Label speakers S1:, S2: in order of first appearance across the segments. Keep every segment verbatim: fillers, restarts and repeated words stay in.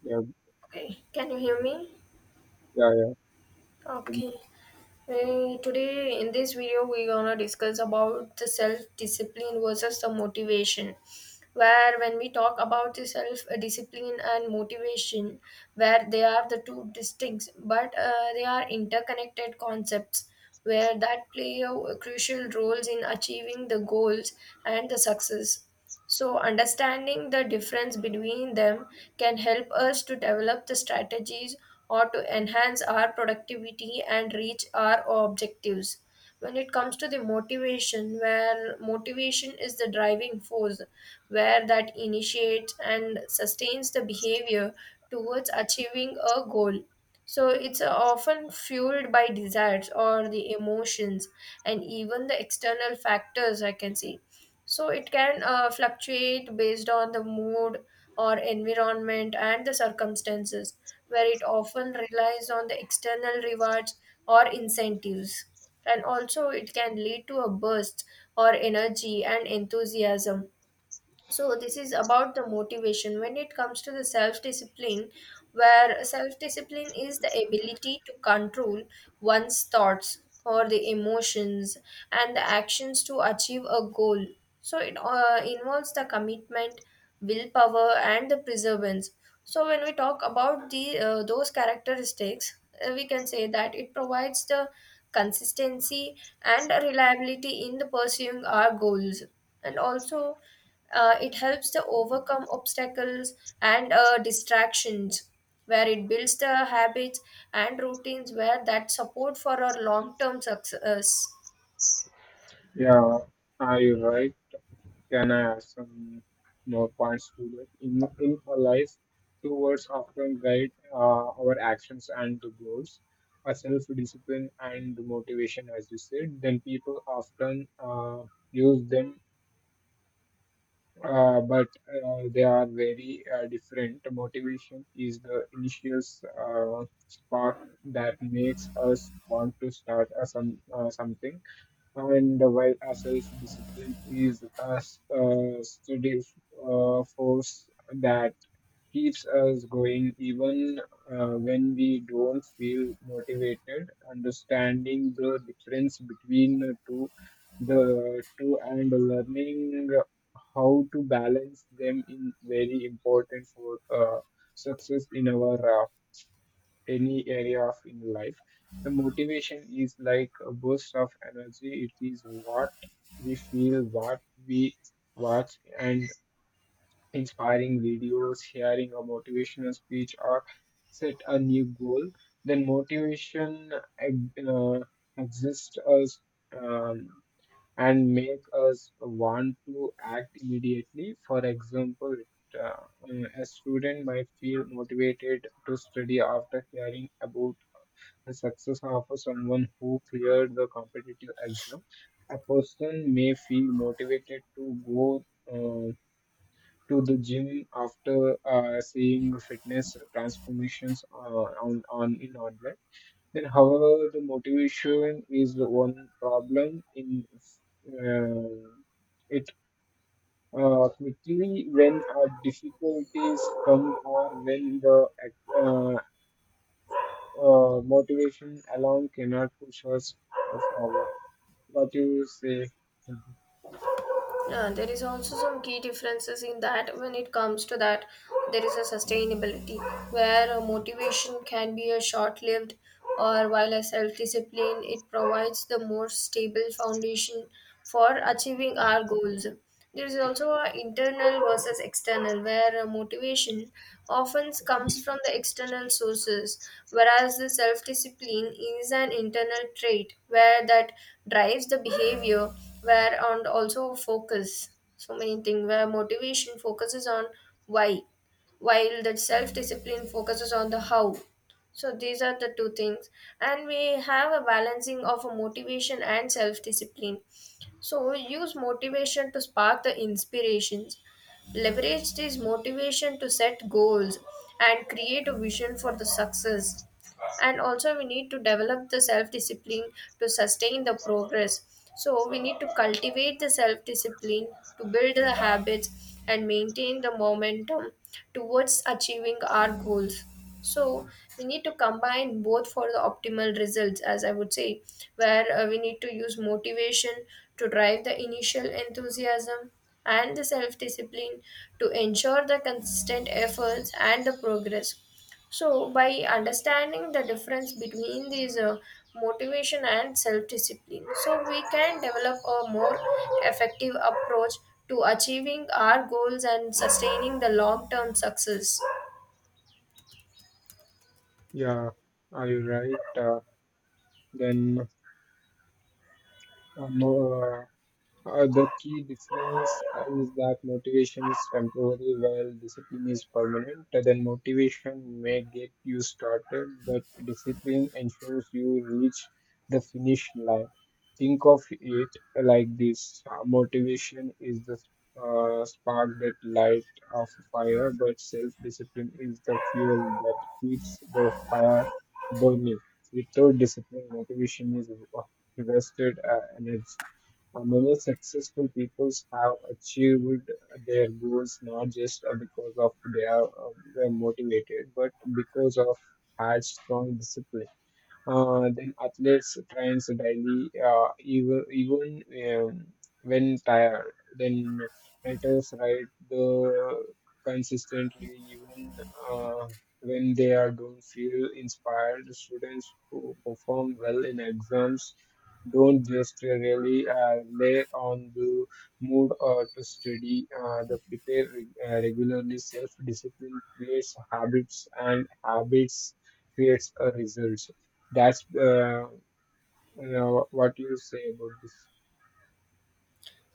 S1: Yeah,
S2: Okay, can you hear me?
S1: yeah, yeah. Um,
S2: Okay. Uh, today in this video we're gonna discuss about the self-discipline versus the motivation. Where when we talk about the self-discipline and motivation, where they are the two distinct but uh, they are interconnected concepts where that play a crucial roles in achieving the goals and the success. So, understanding the difference between them can help us to develop the strategies or to enhance our productivity and reach our objectives. When it comes to the motivation, where motivation is the driving force, where that initiates and sustains the behavior towards achieving a goal. So, it's often fueled by desires or the emotions and even the external factors, I can say, so it can uh, fluctuate based on the mood or environment and the circumstances, where it often relies on the external rewards or incentives. And also, it can lead to a burst or energy and enthusiasm. So this is about the motivation. When it comes to the self discipline, where self discipline is the ability to control one's thoughts or the emotions and the actions to achieve a goal, so it uh, involves the commitment, willpower and the perseverance. So when we talk about the uh, those characteristics, uh, we can say that it provides the consistency and reliability in the pursuing our goals. And also, uh, it helps to overcome obstacles and uh, distractions, where it builds the habits and routines where that support for our long term success.
S1: Yeah, are you right? Can I add some more points to that? In, in our life, two words often guide uh, our actions and the goals, our self-discipline and the motivation, as you said. Then people often uh, use them, uh, but uh, they are very uh, different. Motivation is the initial uh, spark that makes us want to start uh, some, uh, something and while a self-discipline is a s- a steady uh, force that keeps us going even uh, when we don't feel motivated. Understanding the difference between the two, the two and learning how to balance them is very important for uh, success in our uh, any area of in life. The motivation is like a burst of energy. It is what we feel, what we watch, and inspiring videos, hearing a motivational speech, or set a new goal. Then motivation uh, exists us um, and make us want to act immediately. For example, uh, a student might feel motivated to study after hearing about the success of someone who cleared the competitive exam. A person may feel motivated to go uh, to the gym after uh, seeing fitness transformations uh, on, on in online. Then, however, the motivation is the one problem in uh, it uh, quickly when our difficulties come or when the ac- uh, uh, motivation alone cannot push us uh, forward. What you say?
S2: Yeah, there is also some key differences in that. When it comes to that, there is a sustainability where a motivation can be a short lived or while a self discipline it provides the more stable foundation for achieving our goals. There is also a internal versus external, where uh, motivation often comes from the external sources, whereas the self discipline is an internal trait where that drives the behavior, where and also focus. So many things where motivation focuses on why, while that self discipline focuses on the how. So these are the two things, and we have a balancing of a motivation and self discipline. So use motivation to spark the inspirations. Leverage this motivation to set goals and create a vision for the success. And also we need to develop the self discipline to sustain the progress. So we need to cultivate the self discipline to build the habits and maintain the momentum towards achieving our goals. So we need to combine both for the optimal results, as I would say, where uh, we need to use motivation to drive the initial enthusiasm and the self discipline to ensure the consistent efforts and the progress. So, by understanding the difference between these uh, motivation and self discipline, so we can develop a more effective approach to achieving our goals and sustaining the long term success.
S1: Yeah, are you right? Uh, then uh, more. Uh, the key difference uh, is that motivation is temporary while discipline is permanent. Uh, Then motivation may get you started, but discipline ensures you reach the finish line. Think of it like this: uh, motivation is the uh, spark that lights off a fire, but self-discipline is the fuel that keeps the fire burning. Without discipline, motivation is wasted uh, energy. Uh, Many successful people have achieved their goals not just uh, because of they are uh, were motivated, but because of had strong discipline. Uh, then athletes trains daily, uh, even even um, when tired. Then writers write the consistently even uh, when they are don't feel inspired. Students who perform well in exams don't just really uh, lay on the mood or to study. Uh, they prepare reg- uh, regularly. Self discipline creates habits, and habits creates a result. That's uh, you know, what you say about this.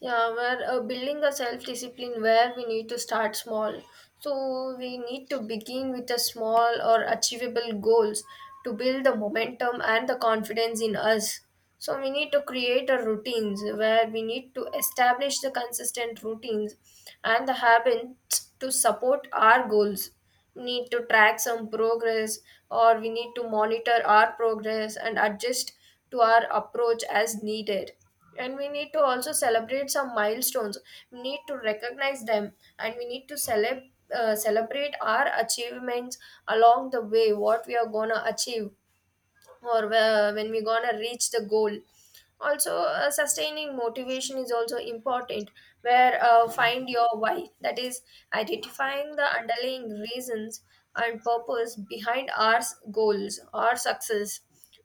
S2: Yeah, we're uh, building a self discipline where we need to start small. So, we need to begin with a small or achievable goals to build the momentum and the confidence in us. So, we need to create a routines where we need to establish the consistent routines and the habits to support our goals. We need to track some progress or we need to monitor our progress and adjust to our approach as needed. And we need to also celebrate some milestones. We need to recognize them and we need to celeb- uh, celebrate our achievements along the way, what we are going to achieve or whe- when we gonna reach the goal. Also uh, sustaining motivation is also important, where uh, find your why, that is identifying the underlying reasons and purpose behind our s- goals, our success.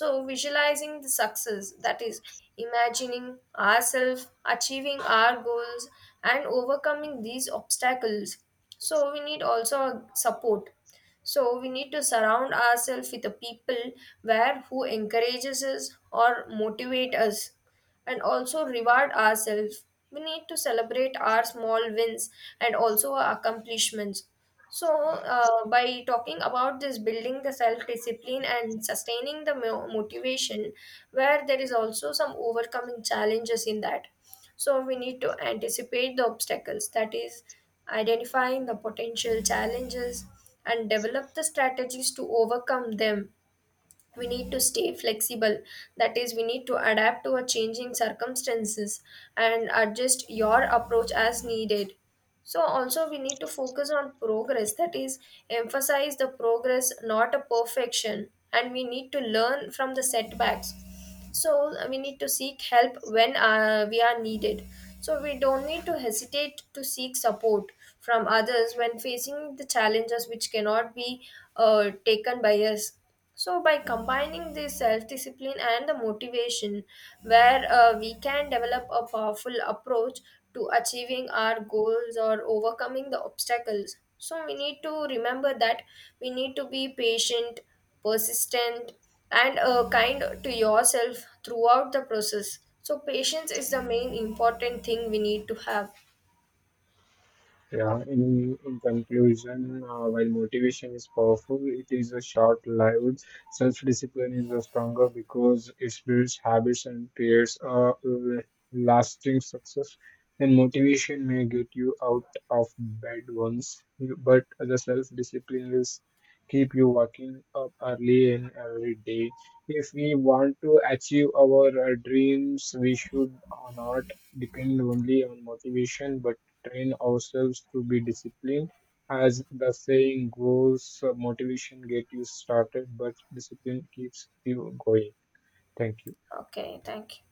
S2: So visualizing the success, that is imagining ourselves achieving our goals and overcoming these obstacles. So we need also support. So we need to surround ourselves with the people where who encourages us or motivate us, and also reward ourselves. We need to celebrate our small wins and also our accomplishments. So, uh, by talking about this, building the self discipline and sustaining the mo- motivation, where there is also some overcoming challenges in that. So we need to anticipate the obstacles, that is, identifying the potential challenges and develop the strategies to overcome them. We need to stay flexible, that is, we need to adapt to our changing circumstances and adjust your approach as needed. So, also, we need to focus on progress, that is, emphasize the progress, not a perfection. And we need to learn from the setbacks. So uh, we need to seek help when uh, we are needed. So we don't need to hesitate to seek support from others when facing the challenges which cannot be uh, taken by us. So by combining the self-discipline and the motivation, where uh, we can develop a powerful approach to achieving our goals or overcoming the obstacles. So we need to remember that we need to be patient, persistent and uh, kind to yourself throughout the process. So, patience is the main important thing we need to have.
S1: Yeah, in, in conclusion, uh, while motivation is powerful, it is a short-lived. Self-discipline is a stronger because it builds habits and creates a l- lasting success. And motivation may get you out of bed once, you, but the self-discipline will s- keep you waking up early and every day. If we want to achieve our uh, dreams, we should uh, not depend only on motivation, but train ourselves to be disciplined. As the saying goes, uh, motivation get you started, but discipline keeps you going. Thank you.
S2: Okay, thank you.